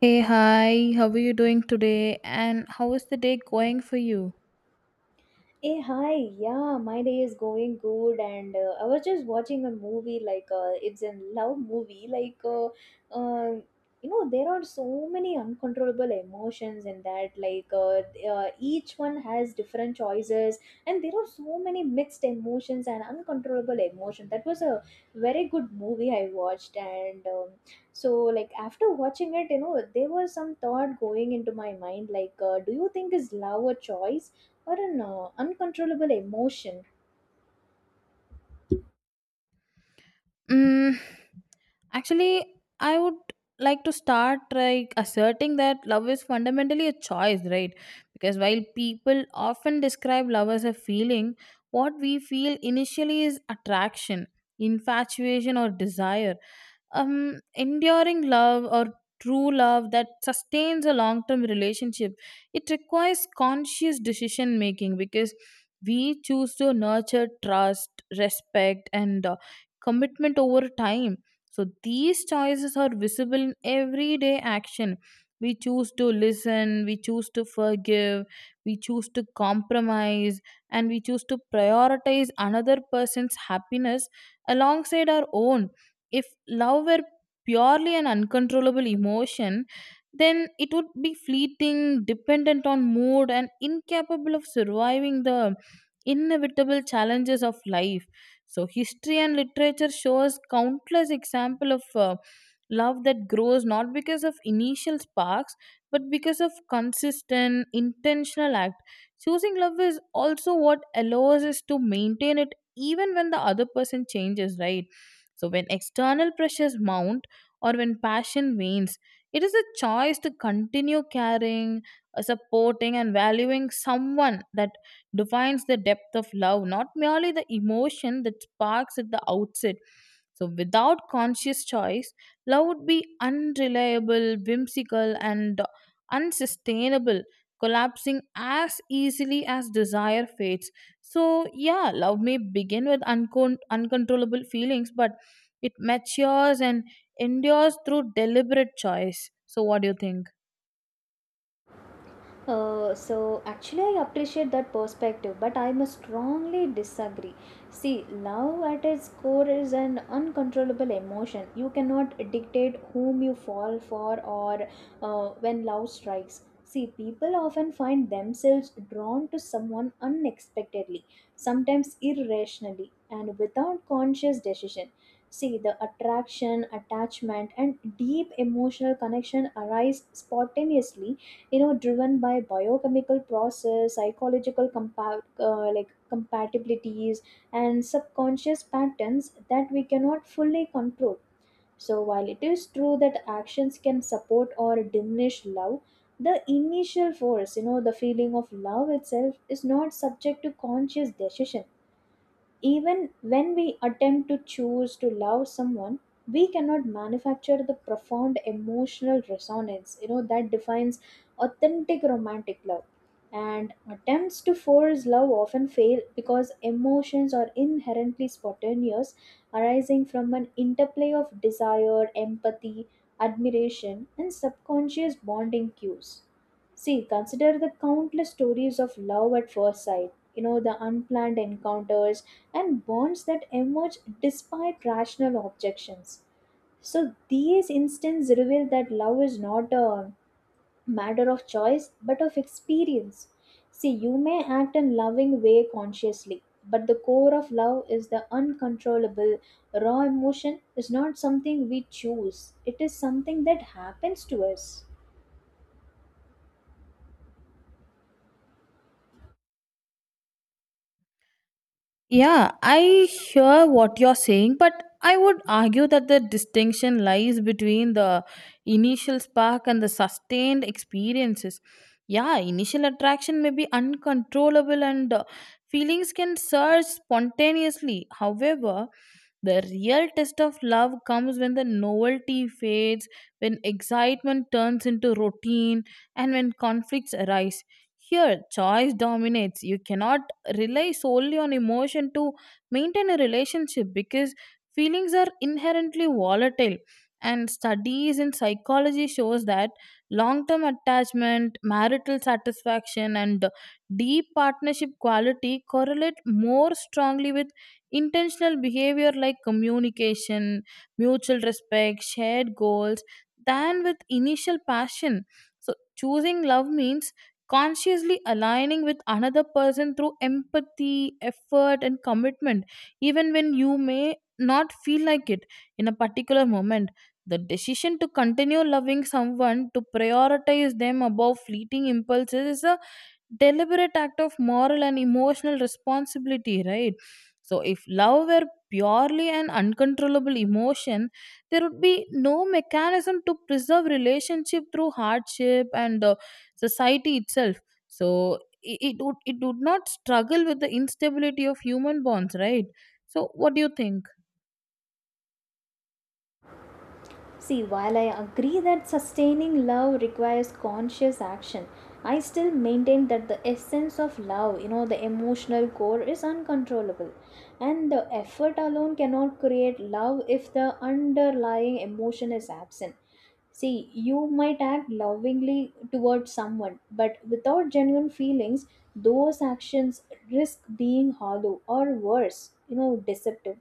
Hey, hi, how are you doing today? And how is the day going for you? Hey, hi. Yeah, my day is going good, and I was just watching a movie. It's a love movie. Uh, there are so many uncontrollable emotions in that. Each one has different choices, and there are so many mixed emotions and uncontrollable emotion. That was a very good movie I watched, and so after watching it, there was some thought going into my mind. Do you think is love a choice? Or an uncontrollable emotion? Mm, actually, I would like to start like asserting that love is fundamentally a choice, right? Because while people often describe love as a feeling, what we feel initially is attraction, infatuation, or desire. Enduring love or true love that sustains a long term relationship, it requires conscious decision making because we choose to nurture trust, respect, and commitment over time. So these choices are visible in everyday action. We choose to listen, we choose to forgive, we choose to compromise, and we choose to prioritize another person's happiness alongside our own. If love were purely an uncontrollable emotion, then it would be fleeting, dependent on mood, and incapable of surviving the inevitable challenges of life. So, history and literature shows countless example of love that grows not because of initial sparks, but because of consistent, intentional act. Choosing love is also what allows us to maintain it even when the other person changes, right? So, when external pressures mount or when passion wanes, it is a choice to continue caring, supporting, and valuing someone that defines the depth of love, not merely the emotion that sparks at the outset. So, without conscious choice, love would be unreliable, whimsical, and unsustainable, collapsing as easily as desire fades. So, yeah, love may begin with uncontrollable feelings, but it matures and endures through deliberate choice. So, what do you think? So actually, I appreciate that perspective, but I must strongly disagree. See, love at its core is an uncontrollable emotion. You cannot dictate whom you fall for or when love strikes. See, people often find themselves drawn to someone unexpectedly, sometimes irrationally and without conscious decision. See, the attraction, attachment, and deep emotional connection arise spontaneously, driven by biochemical process, psychological compatibilities, and subconscious patterns that we cannot fully control. So while it is true that actions can support or diminish love, the initial force, the feeling of love itself is not subject to conscious decision. Even when we attempt to choose to love someone, we cannot manufacture the profound emotional resonance, that defines authentic romantic love. And attempts to force love often fail because emotions are inherently spontaneous, arising from an interplay of desire, empathy, admiration, and subconscious bonding cues. See, consider the countless stories of love at first sight, the unplanned encounters and bonds that emerge despite rational objections. So, these instances reveal that love is not a matter of choice but of experience. See, you may act in loving way consciously, but the core of love is the uncontrollable, raw emotion is not something we choose, it is something that happens to us. Yeah, I hear what you're saying, but I would argue that the distinction lies between the initial spark and the sustained experiences. Yeah, initial attraction may be uncontrollable and feelings can surge spontaneously. However, the real test of love comes when the novelty fades, when excitement turns into routine, and when conflicts arise. Here, choice dominates. You cannot rely solely on emotion to maintain a relationship because feelings are inherently volatile, and studies in psychology shows that long term attachment, marital satisfaction, and deep partnership quality correlate more strongly with intentional behavior like communication, mutual respect, shared goals than with initial passion. So choosing love means consciously aligning with another person through empathy, effort, and commitment, even when you may not feel like it in a particular moment. The decision to continue loving someone, to prioritize them above fleeting impulses, is a deliberate act of moral and emotional responsibility, right? So, if love were purely an uncontrollable emotion, there would be no mechanism to preserve relationship through hardship, and society itself, so it would, it would not struggle with the instability of human bonds, right? So what do you think? See, while I agree that sustaining love requires conscious action, I still maintain that the essence of love, the emotional core is uncontrollable. And the effort alone cannot create love if the underlying emotion is absent. See, you might act lovingly towards someone, but without genuine feelings, those actions risk being hollow or worse, deceptive.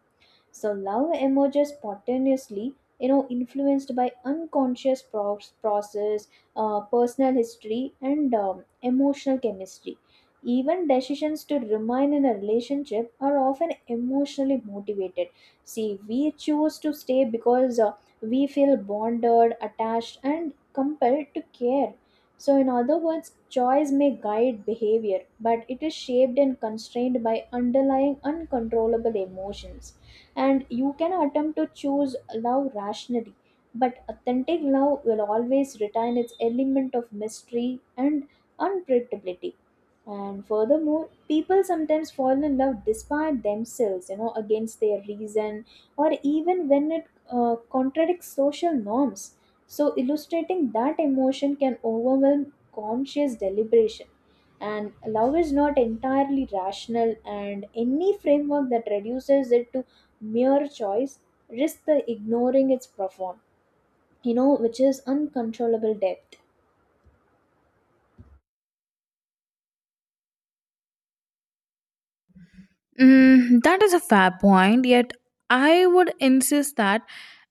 So love emerges spontaneously, influenced by unconscious process, personal history, and emotional chemistry. Even decisions to remain in a relationship are often emotionally motivated. See, we choose to stay because we feel bonded, attached, and compelled to care. So, in other words, choice may guide behavior, but it is shaped and constrained by underlying uncontrollable emotions. And you can attempt to choose love rationally, but authentic love will always retain its element of mystery and unpredictability. And furthermore, people sometimes fall in love despite themselves, against their reason or even when it contradicts social norms. So, illustrating that emotion can overwhelm conscious deliberation. And love is not entirely rational, and any framework that reduces it to mere choice risks the ignoring its profound, which is uncontrollable depth. Mm, that is a fair point, yet I would insist that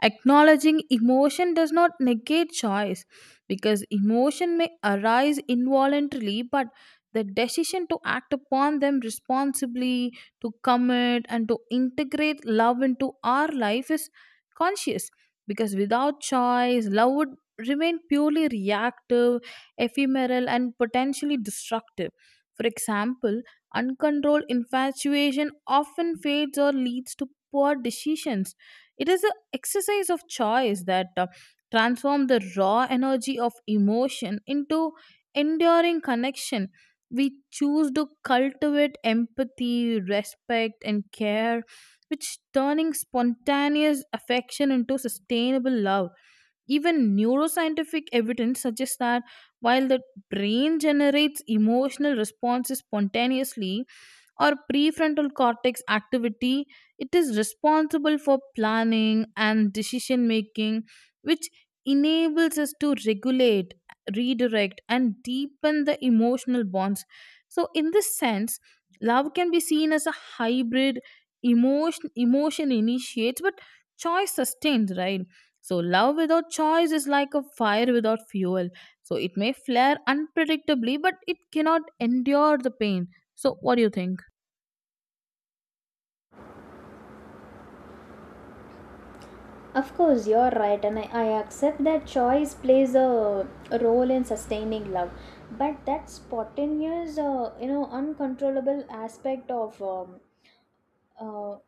acknowledging emotion does not negate choice, because emotion may arise involuntarily, but the decision to act upon them responsibly, to commit, and to integrate love into our life is conscious. Because without choice, love would remain purely reactive, ephemeral, and potentially destructive. For example, uncontrolled infatuation often fades or leads to poor decisions. It is an exercise of choice that transforms the raw energy of emotion into enduring connection. We choose to cultivate empathy, respect, and care, which turning spontaneous affection into sustainable love. Even neuroscientific evidence suggests that while the brain generates emotional responses spontaneously, or prefrontal cortex activity, it is responsible for planning and decision making, which enables us to regulate, redirect, and deepen the emotional bonds. So in this sense, love can be seen as a hybrid emotion. Emotion initiates but choice sustains, right? So love without choice is like a fire without fuel, so it may flare unpredictably but it cannot endure the pain. So what do you think? Of course, you're right, and I accept that choice plays a role in sustaining love. But that spontaneous, uncontrollable aspect of uh,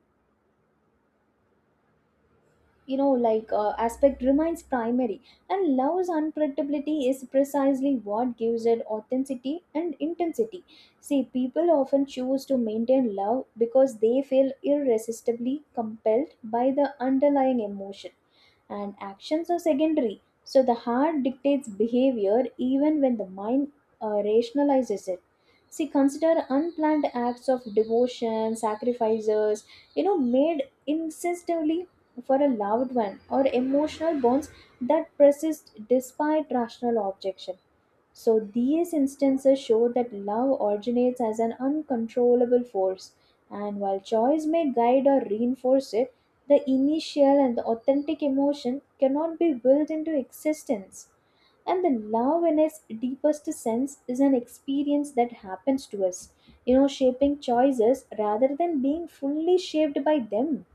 aspect remains primary. And love's unpredictability is precisely what gives it authenticity and intensity. See, people often choose to maintain love because they feel irresistibly compelled by the underlying emotion, and actions are secondary. So the heart dictates behavior even when the mind rationalizes it. See, consider unplanned acts of devotion, sacrifices made insistently for a loved one, or emotional bonds that persist despite rational objection. So, these instances show that love originates as an uncontrollable force, and while choice may guide or reinforce it, the initial and the authentic emotion cannot be willed into existence. And the love, in its deepest sense, is an experience that happens to us, shaping choices rather than being fully shaped by them.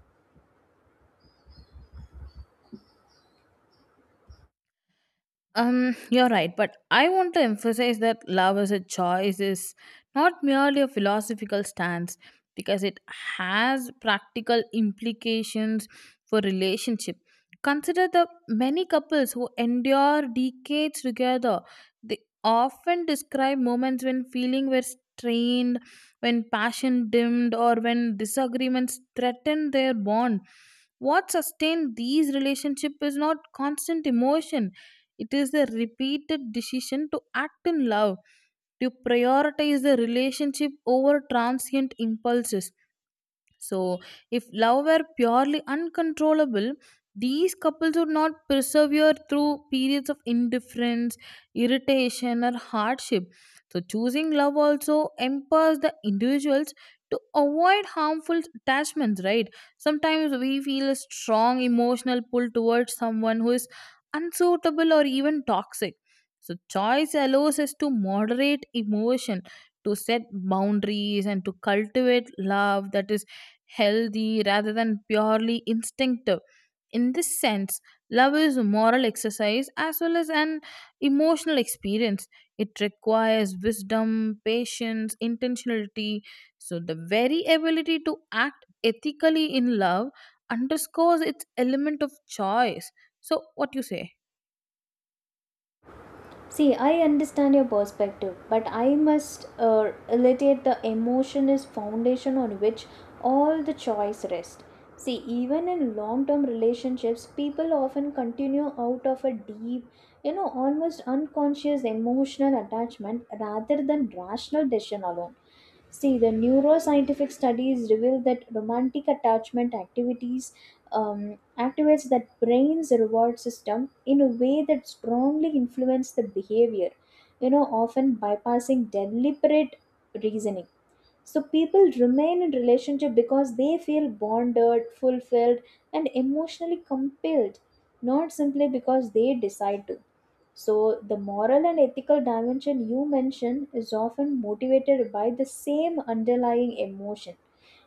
You're right, but I want to emphasize that love as a choice is not merely a philosophical stance because it has practical implications for relationship. Consider the many couples who endure decades together. They often describe moments when feeling were strained, when passion dimmed, or when disagreements threatened their bond. What sustained these relationships is not constant emotion, it is a repeated decision to act in love, to prioritize the relationship over transient impulses. So, if love were purely uncontrollable, these couples would not persevere through periods of indifference, irritation, or hardship. So, choosing love also empowers the individuals to avoid harmful attachments, right? Sometimes we feel a strong emotional pull towards someone who is unsuitable or even toxic. So, choice allows us to moderate emotion, to set boundaries, and to cultivate love that is healthy rather than purely instinctive. In this sense, love is a moral exercise as well as an emotional experience. It requires wisdom, patience, intentionality. So, the very ability to act ethically in love underscores its element of choice. So, what you say? See, I understand your perspective, but I must reiterate the emotion is foundation on which all the choice rests. See, even in long-term relationships, people often continue out of a deep, almost unconscious emotional attachment rather than rational decision alone. See, the neuroscientific studies reveal that romantic attachment activities um activates that brain's reward system in a way that strongly influences the behavior, often bypassing deliberate reasoning. So people remain in relationship because they feel bonded, fulfilled, and emotionally compelled, not simply because they decide to. So, the moral and ethical dimension you mention is often motivated by the same underlying emotion,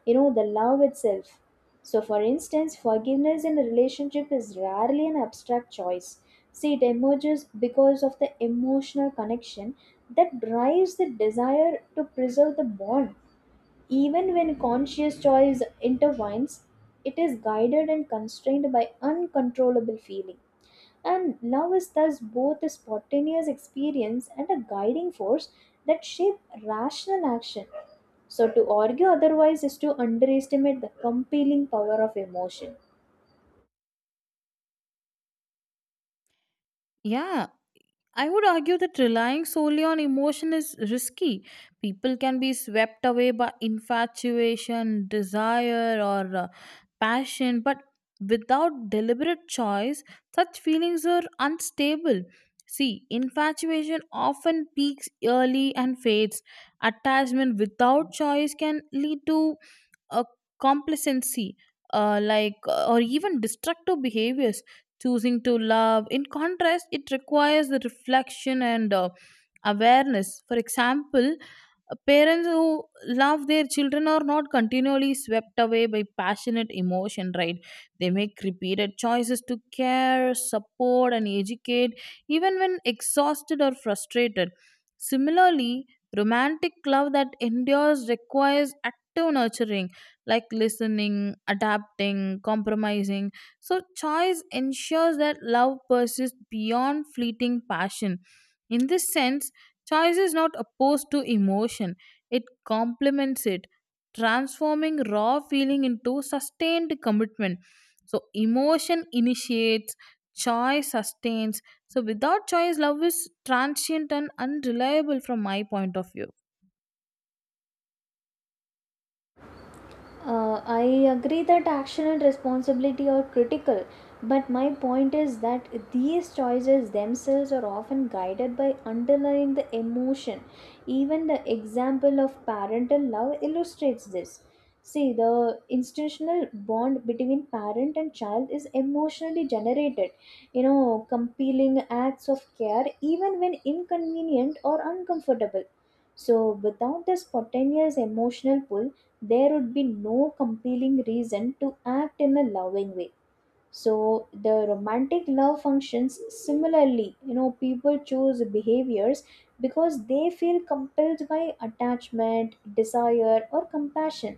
the love itself. So, for instance, forgiveness in a relationship is rarely an abstract choice. See, it emerges because of the emotional connection that drives the desire to preserve the bond. Even when conscious choice intervenes, it is guided and constrained by uncontrollable feeling. And love is thus both a spontaneous experience and a guiding force that shape rational action. So to argue otherwise is to underestimate the compelling power of emotion. Yeah. I would argue that relying solely on emotion is risky. People can be swept away by infatuation, desire, or passion, but without deliberate choice, such feelings are unstable. See, infatuation often peaks early and fades. Attachment without choice can lead to a complacency, or even destructive behaviors. Choosing to love, in contrast, it requires the reflection and awareness. For example, parents who love their children are not continually swept away by passionate emotion, right? They make repeated choices to care, support, and educate, even when exhausted or frustrated. Similarly, romantic love that endures requires active nurturing like listening, adapting, compromising. So, choice ensures that love persists beyond fleeting passion. In this sense, choice is not opposed to emotion, it complements it, transforming raw feeling into sustained commitment. So, emotion initiates, choice sustains. So, without choice, love is transient and unreliable from my point of view. I agree that action and responsibility are critical, but my point is that these choices themselves are often guided by underlying the emotion. Even the example of parental love illustrates this. See, the institutional bond between parent and child is emotionally generated, compelling acts of care even when inconvenient or uncomfortable. So, without this spontaneous emotional pull, there would be no compelling reason to act in a loving way. So the romantic love functions similarly. People choose behaviors because they feel compelled by attachment, desire, or compassion.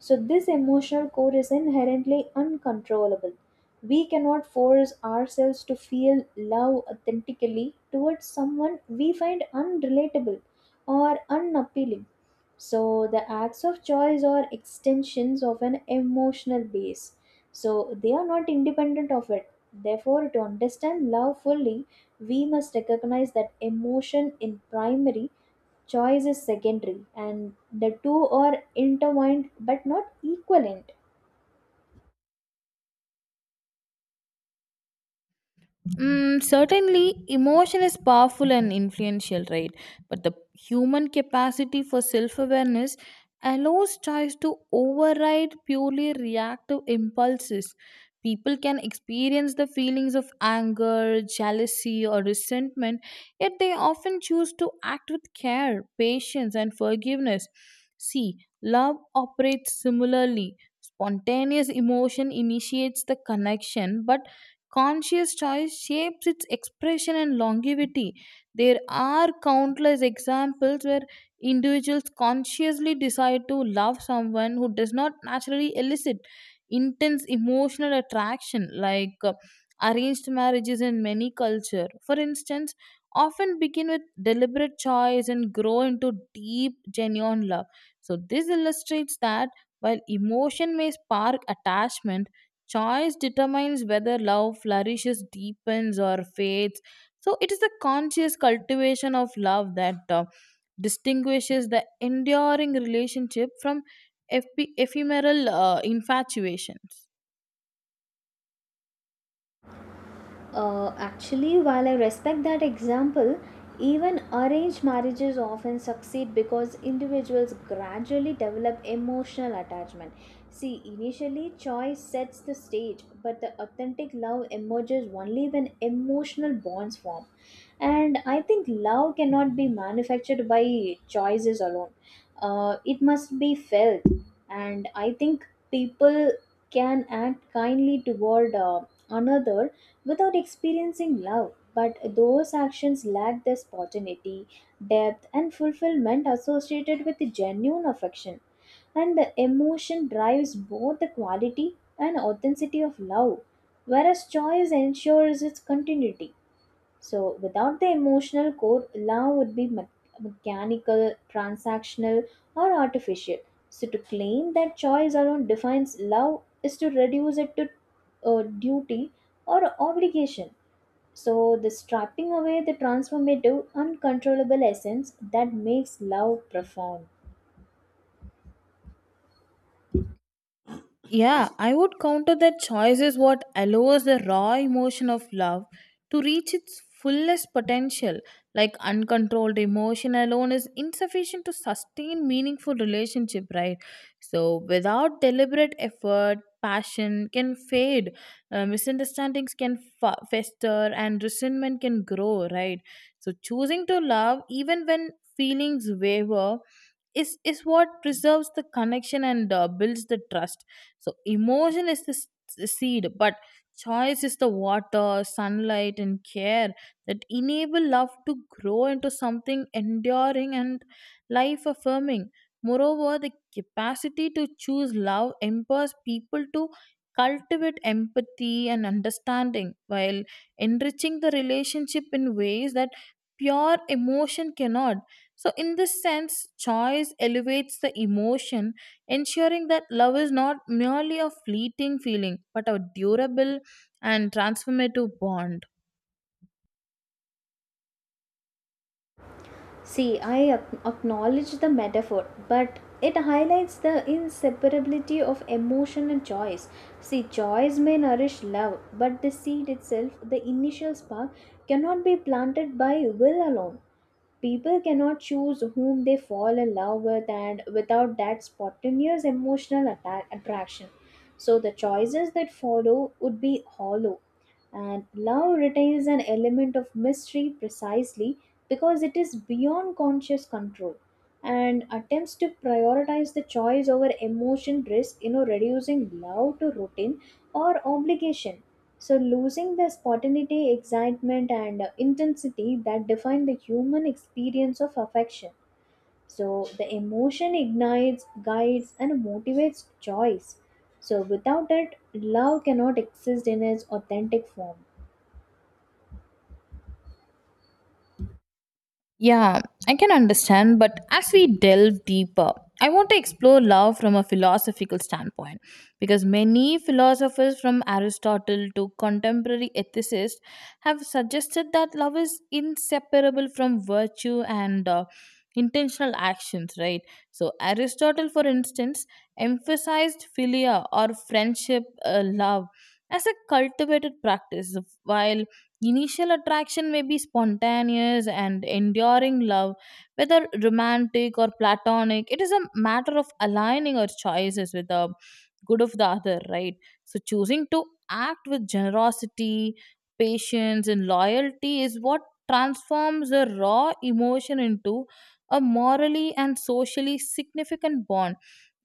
So, this emotional core is inherently uncontrollable. We cannot force ourselves to feel love authentically towards someone we find unrelatable or unappealing. So, the acts of choice are extensions of an emotional base. So, they are not independent of it. Therefore, to understand love fully, we must recognize that emotion in primary, choice is secondary, and the two are intertwined but not equivalent. Mm, certainly, emotion is powerful and influential, right? But the human capacity for self awareness allows choice to override purely reactive impulses. People can experience the feelings of anger, jealousy, or resentment, yet they often choose to act with care, patience, and forgiveness. See, love operates similarly. Spontaneous emotion initiates the connection, but conscious choice shapes its expression and longevity. There are countless examples where individuals consciously decide to love someone who does not naturally elicit intense emotional attraction, like arranged marriages in many cultures. For instance, often begin with deliberate choice and grow into deep, genuine love. So, this illustrates that while emotion may spark attachment, choice determines whether love flourishes, deepens, or fades. So it is the conscious cultivation of love that distinguishes the enduring relationship from ephemeral infatuations. Actually, while I respect that example, even arranged marriages often succeed because individuals gradually develop emotional attachment. See, initially choice sets the stage, but the authentic love emerges only when emotional bonds form. And I think love cannot be manufactured by choices alone. It must be felt. And I think people can act kindly toward another without experiencing love. But those actions lack the spontaneity, depth, and fulfillment associated with genuine affection. And the emotion drives both the quality and authenticity of love, whereas choice ensures its continuity. So, without the emotional core, love would be mechanical, transactional, or artificial. So, to claim that choice alone defines love is to reduce it to duty or obligation. So, the stripping away the transformative, uncontrollable essence that makes love profound. Yeah, I would counter that choice is what allows the raw emotion of love to reach its fullest potential. Like uncontrolled emotion alone is insufficient to sustain meaningful relationship, right? So without deliberate effort, passion can fade, misunderstandings can fester, and resentment can grow, right? So choosing to love even when feelings waver is what preserves the connection and builds the trust. So emotion is the seed, but choice is the water, sunlight, and care that enable love to grow into something enduring and life affirming. Moreover, the capacity to choose love empowers people to cultivate empathy and understanding while enriching the relationship in ways that pure emotion cannot. So, in this sense, choice elevates the emotion, ensuring that love is not merely a fleeting feeling but a durable and transformative bond. See, I acknowledge the metaphor, but it highlights the inseparability of emotion and choice. See, choice may nourish love, but the seed itself, the initial spark, cannot be planted by will alone. People cannot choose whom they fall in love with, and without that spontaneous emotional attraction. So, the choices that follow would be hollow, and love retains an element of mystery precisely because it is beyond conscious control. And attempts to prioritize the choice over emotion risk, reducing love to routine or obligation. So, losing the spontaneity, excitement, and intensity that define the human experience of affection. So, the emotion ignites, guides, and motivates choice. So, without it, love cannot exist in its authentic form. Yeah, I can understand, but as we delve deeper, I want to explore love from a philosophical standpoint because many philosophers from Aristotle to contemporary ethicists have suggested that love is inseparable from virtue and intentional actions, right? So, Aristotle, for instance, emphasized philia or friendship love as a cultivated practice, while initial attraction may be spontaneous and enduring love, whether romantic or platonic. It is a matter of aligning our choices with the good of the other, right? So, choosing to act with generosity, patience, and loyalty is what transforms a raw emotion into a morally and socially significant bond.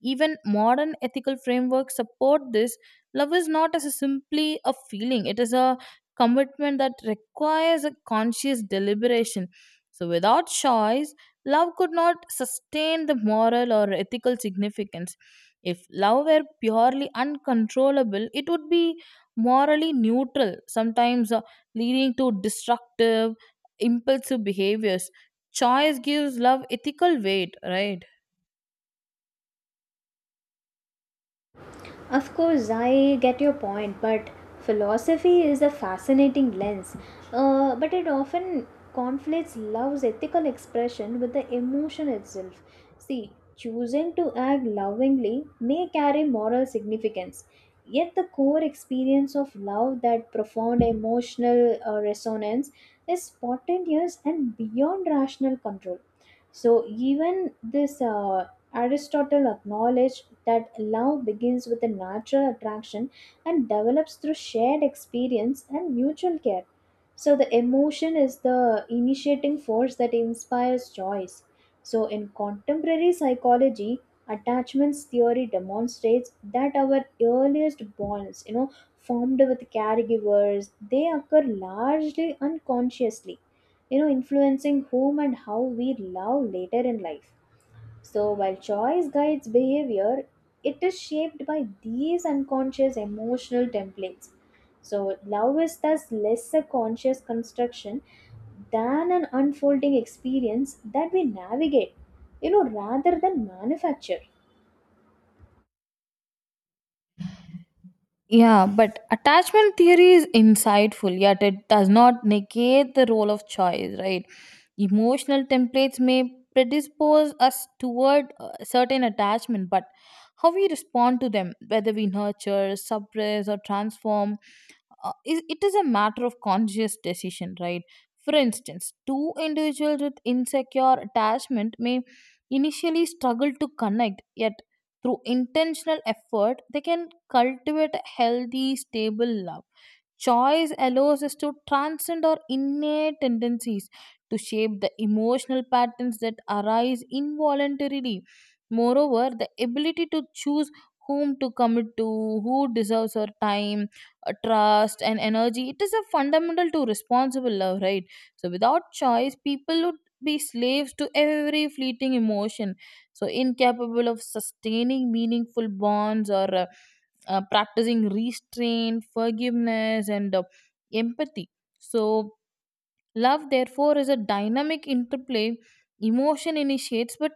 Even modern ethical frameworks support this. Love is not as a simply a feeling, it is a commitment that requires a conscious deliberation. So, without choice, love could not sustain the moral or ethical significance. If love were purely uncontrollable, it would be morally neutral, sometimes leading to destructive, impulsive behaviors. Choice gives love ethical weight, right? Of course, I get your point, but philosophy is a fascinating lens. But it often conflates love's ethical expression with the emotion itself. See, choosing to act lovingly may carry moral significance, yet the core experience of love, that profound emotional resonance, is spontaneous and beyond rational control. So, even this Aristotle acknowledged that love begins with a natural attraction and develops through shared experience and mutual care. So, the emotion is the initiating force that inspires choice. So, in contemporary psychology, attachments theory demonstrates that our earliest bonds, formed with caregivers, they occur largely unconsciously, influencing whom and how we love later in life. So, while choice guides behavior, it is shaped by these unconscious emotional templates. So, love is thus less a conscious construction than an unfolding experience that we navigate, rather than manufacture. Yeah, but attachment theory is insightful, yet it does not negate the role of choice, right? Emotional templates may predispose us toward a certain attachment, but how we respond to them, whether we nurture, suppress, or transform, it is a matter of conscious decision, right? For instance, two individuals with insecure attachment may initially struggle to connect, yet through intentional effort they can cultivate a healthy stable love. Choice allows us to transcend our innate tendencies, to shape the emotional patterns that arise involuntarily. Moreover, the ability to choose whom to commit to, who deserves our time, trust, and energy, it is a fundamental to responsible love, right? So, without choice, people would be slaves to every fleeting emotion, so incapable of sustaining meaningful bonds or practicing restraint, forgiveness, and empathy. So love, therefore, is a dynamic interplay. Emotion initiates, but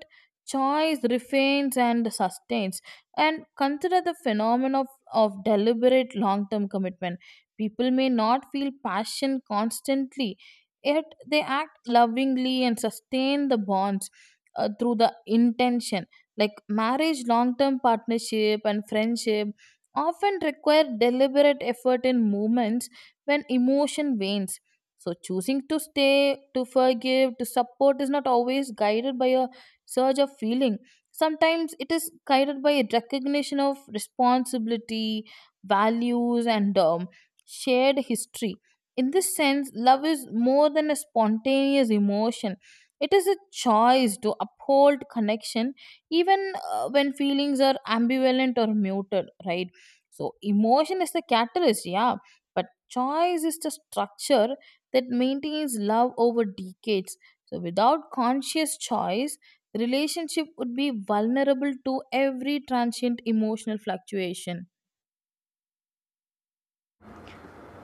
choice refrains and sustains. And consider the phenomenon of deliberate long term commitment. People may not feel passion constantly, yet they act lovingly and sustain the bonds through the intention. Like marriage, long term partnership, and friendship often require deliberate effort in moments when emotion wanes. So, choosing to stay, to forgive, to support is not always guided by a surge of feeling. Sometimes it is guided by a recognition of responsibility, values, and shared history. In this sense, love is more than a spontaneous emotion. It is a choice to uphold connection even when feelings are ambivalent or muted, right? So, emotion is the catalyst, yeah, but choice is the structure that maintains love over decades. So, without conscious choice, relationship would be vulnerable to every transient emotional fluctuation.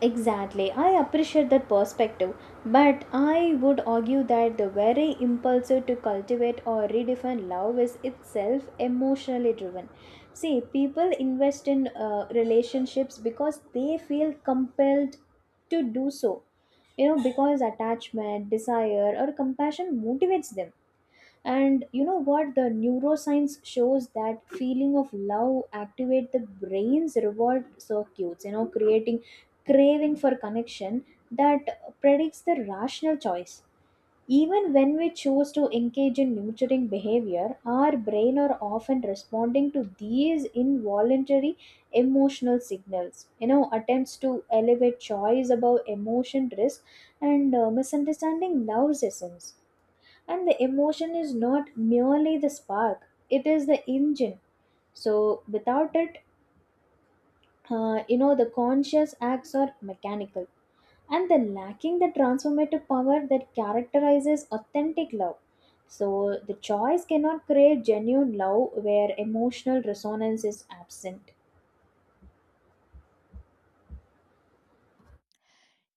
Exactly, I appreciate that perspective, but I would argue that the very impulse to cultivate or redefine love is itself emotionally driven. See, people invest in relationships because they feel compelled to do so, because attachment, desire, or compassion motivates them. And you know what, the neuroscience shows that feeling of love activate the brain's reward circuits, creating craving for connection that predicts the rational choice. Even when we choose to engage in nurturing behavior, our brain are often responding to these involuntary emotional signals. Attempts to elevate choice above emotion risk and misunderstanding love's essence. And the emotion is not merely the spark, it is the engine. So without it, the conscious acts are mechanical and the lacking the transformative power that characterizes authentic love. So the choice cannot create genuine love where emotional resonance is absent.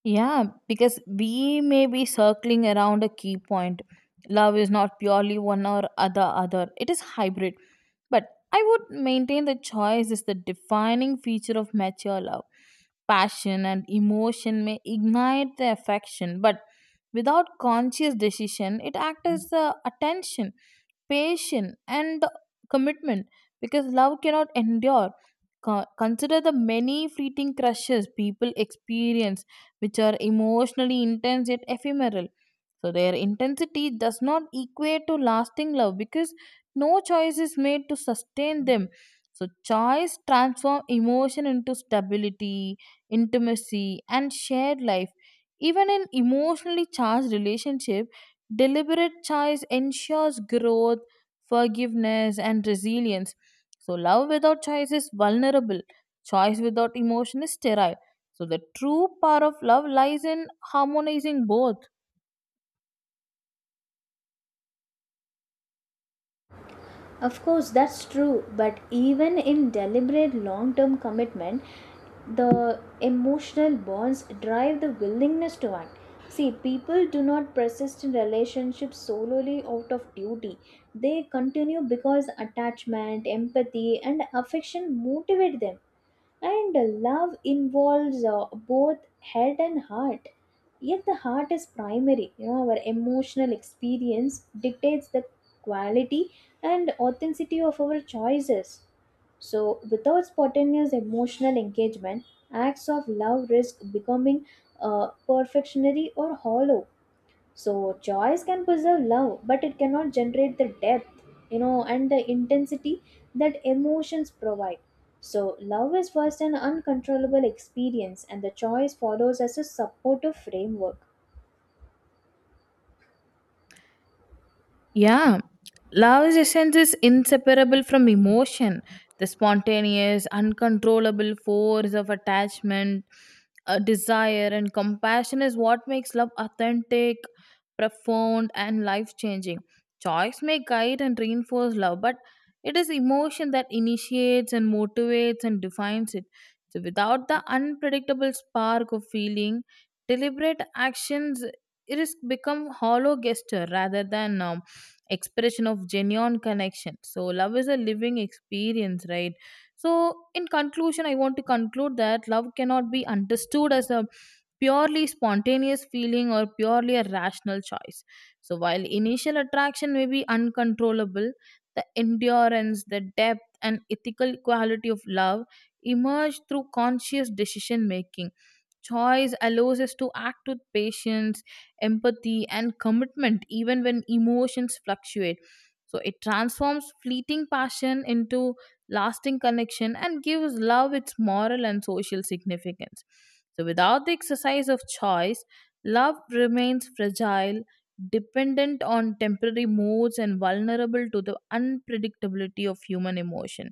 Yeah, because we may be circling around a key point. Love is not purely one or other other. It is hybrid. But I would maintain that choice is the defining feature of mature love. Passion and emotion may ignite the affection, but without conscious decision, it acts as the attention, patience, and the commitment because love cannot endure. Consider the many fleeting crushes people experience, which are emotionally intense yet ephemeral. So their intensity does not equate to lasting love because no choice is made to sustain them. So choice transforms emotion into stability, intimacy, and shared life. Even in emotionally charged relationship, deliberate choice ensures growth, forgiveness, and resilience. So, love without choice is vulnerable, choice without emotion is sterile. So, the true power of love lies in harmonizing both. Of course, that's true, but even in deliberate long term commitment, the emotional bonds drive the willingness to act. See, people do not persist in relationships solely out of duty. They continue because attachment, empathy, and affection motivate them. And love involves both head and heart. Yet the heart is primary. Our emotional experience dictates the quality and authenticity of our choices. So, without spontaneous emotional engagement, acts of love risk becoming perfectionary or hollow. So choice can preserve love, but it cannot generate the depth, and the intensity that emotions provide. So love is first an uncontrollable experience, and the choice follows as a supportive framework. Yeah, love's essence is inseparable from emotion, the spontaneous, uncontrollable force of attachment, desire, and compassion is what makes love authentic, profound, and life changing. Choice may guide and reinforce love, but it is emotion that initiates and motivates and defines it. So, without the unpredictable spark of feeling, deliberate actions it is become hollow gesture rather than expression of genuine connection. So love is a living experience, right? So in conclusion, I want to conclude that love cannot be understood as a purely spontaneous feeling or purely a rational choice. So while initial attraction may be uncontrollable, the endurance, the depth, and ethical quality of love emerge through conscious decision making. Choice allows us to act with patience, empathy, and commitment, even when emotions fluctuate. So it transforms fleeting passion into lasting connection and gives love its moral and social significance. So without the exercise of choice, love remains fragile, dependent on temporary moods, and vulnerable to the unpredictability of human emotion.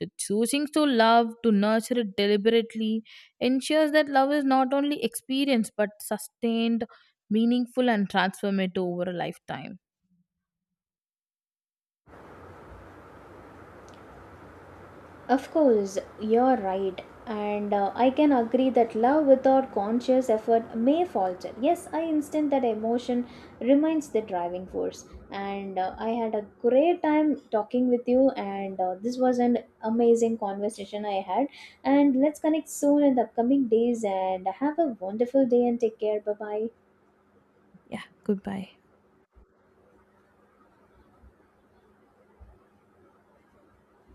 So choosing to love, to nurture it deliberately, ensures that love is not only experienced but sustained, meaningful, and transformative over a lifetime. Of course, you're right. And I can agree that love without conscious effort may falter. Yes, I instant that emotion remains the driving force. And I had a great time talking with you, and this was an amazing conversation I had. And let's connect soon in the upcoming days. And have a wonderful day and take care. Bye bye. Yeah, goodbye.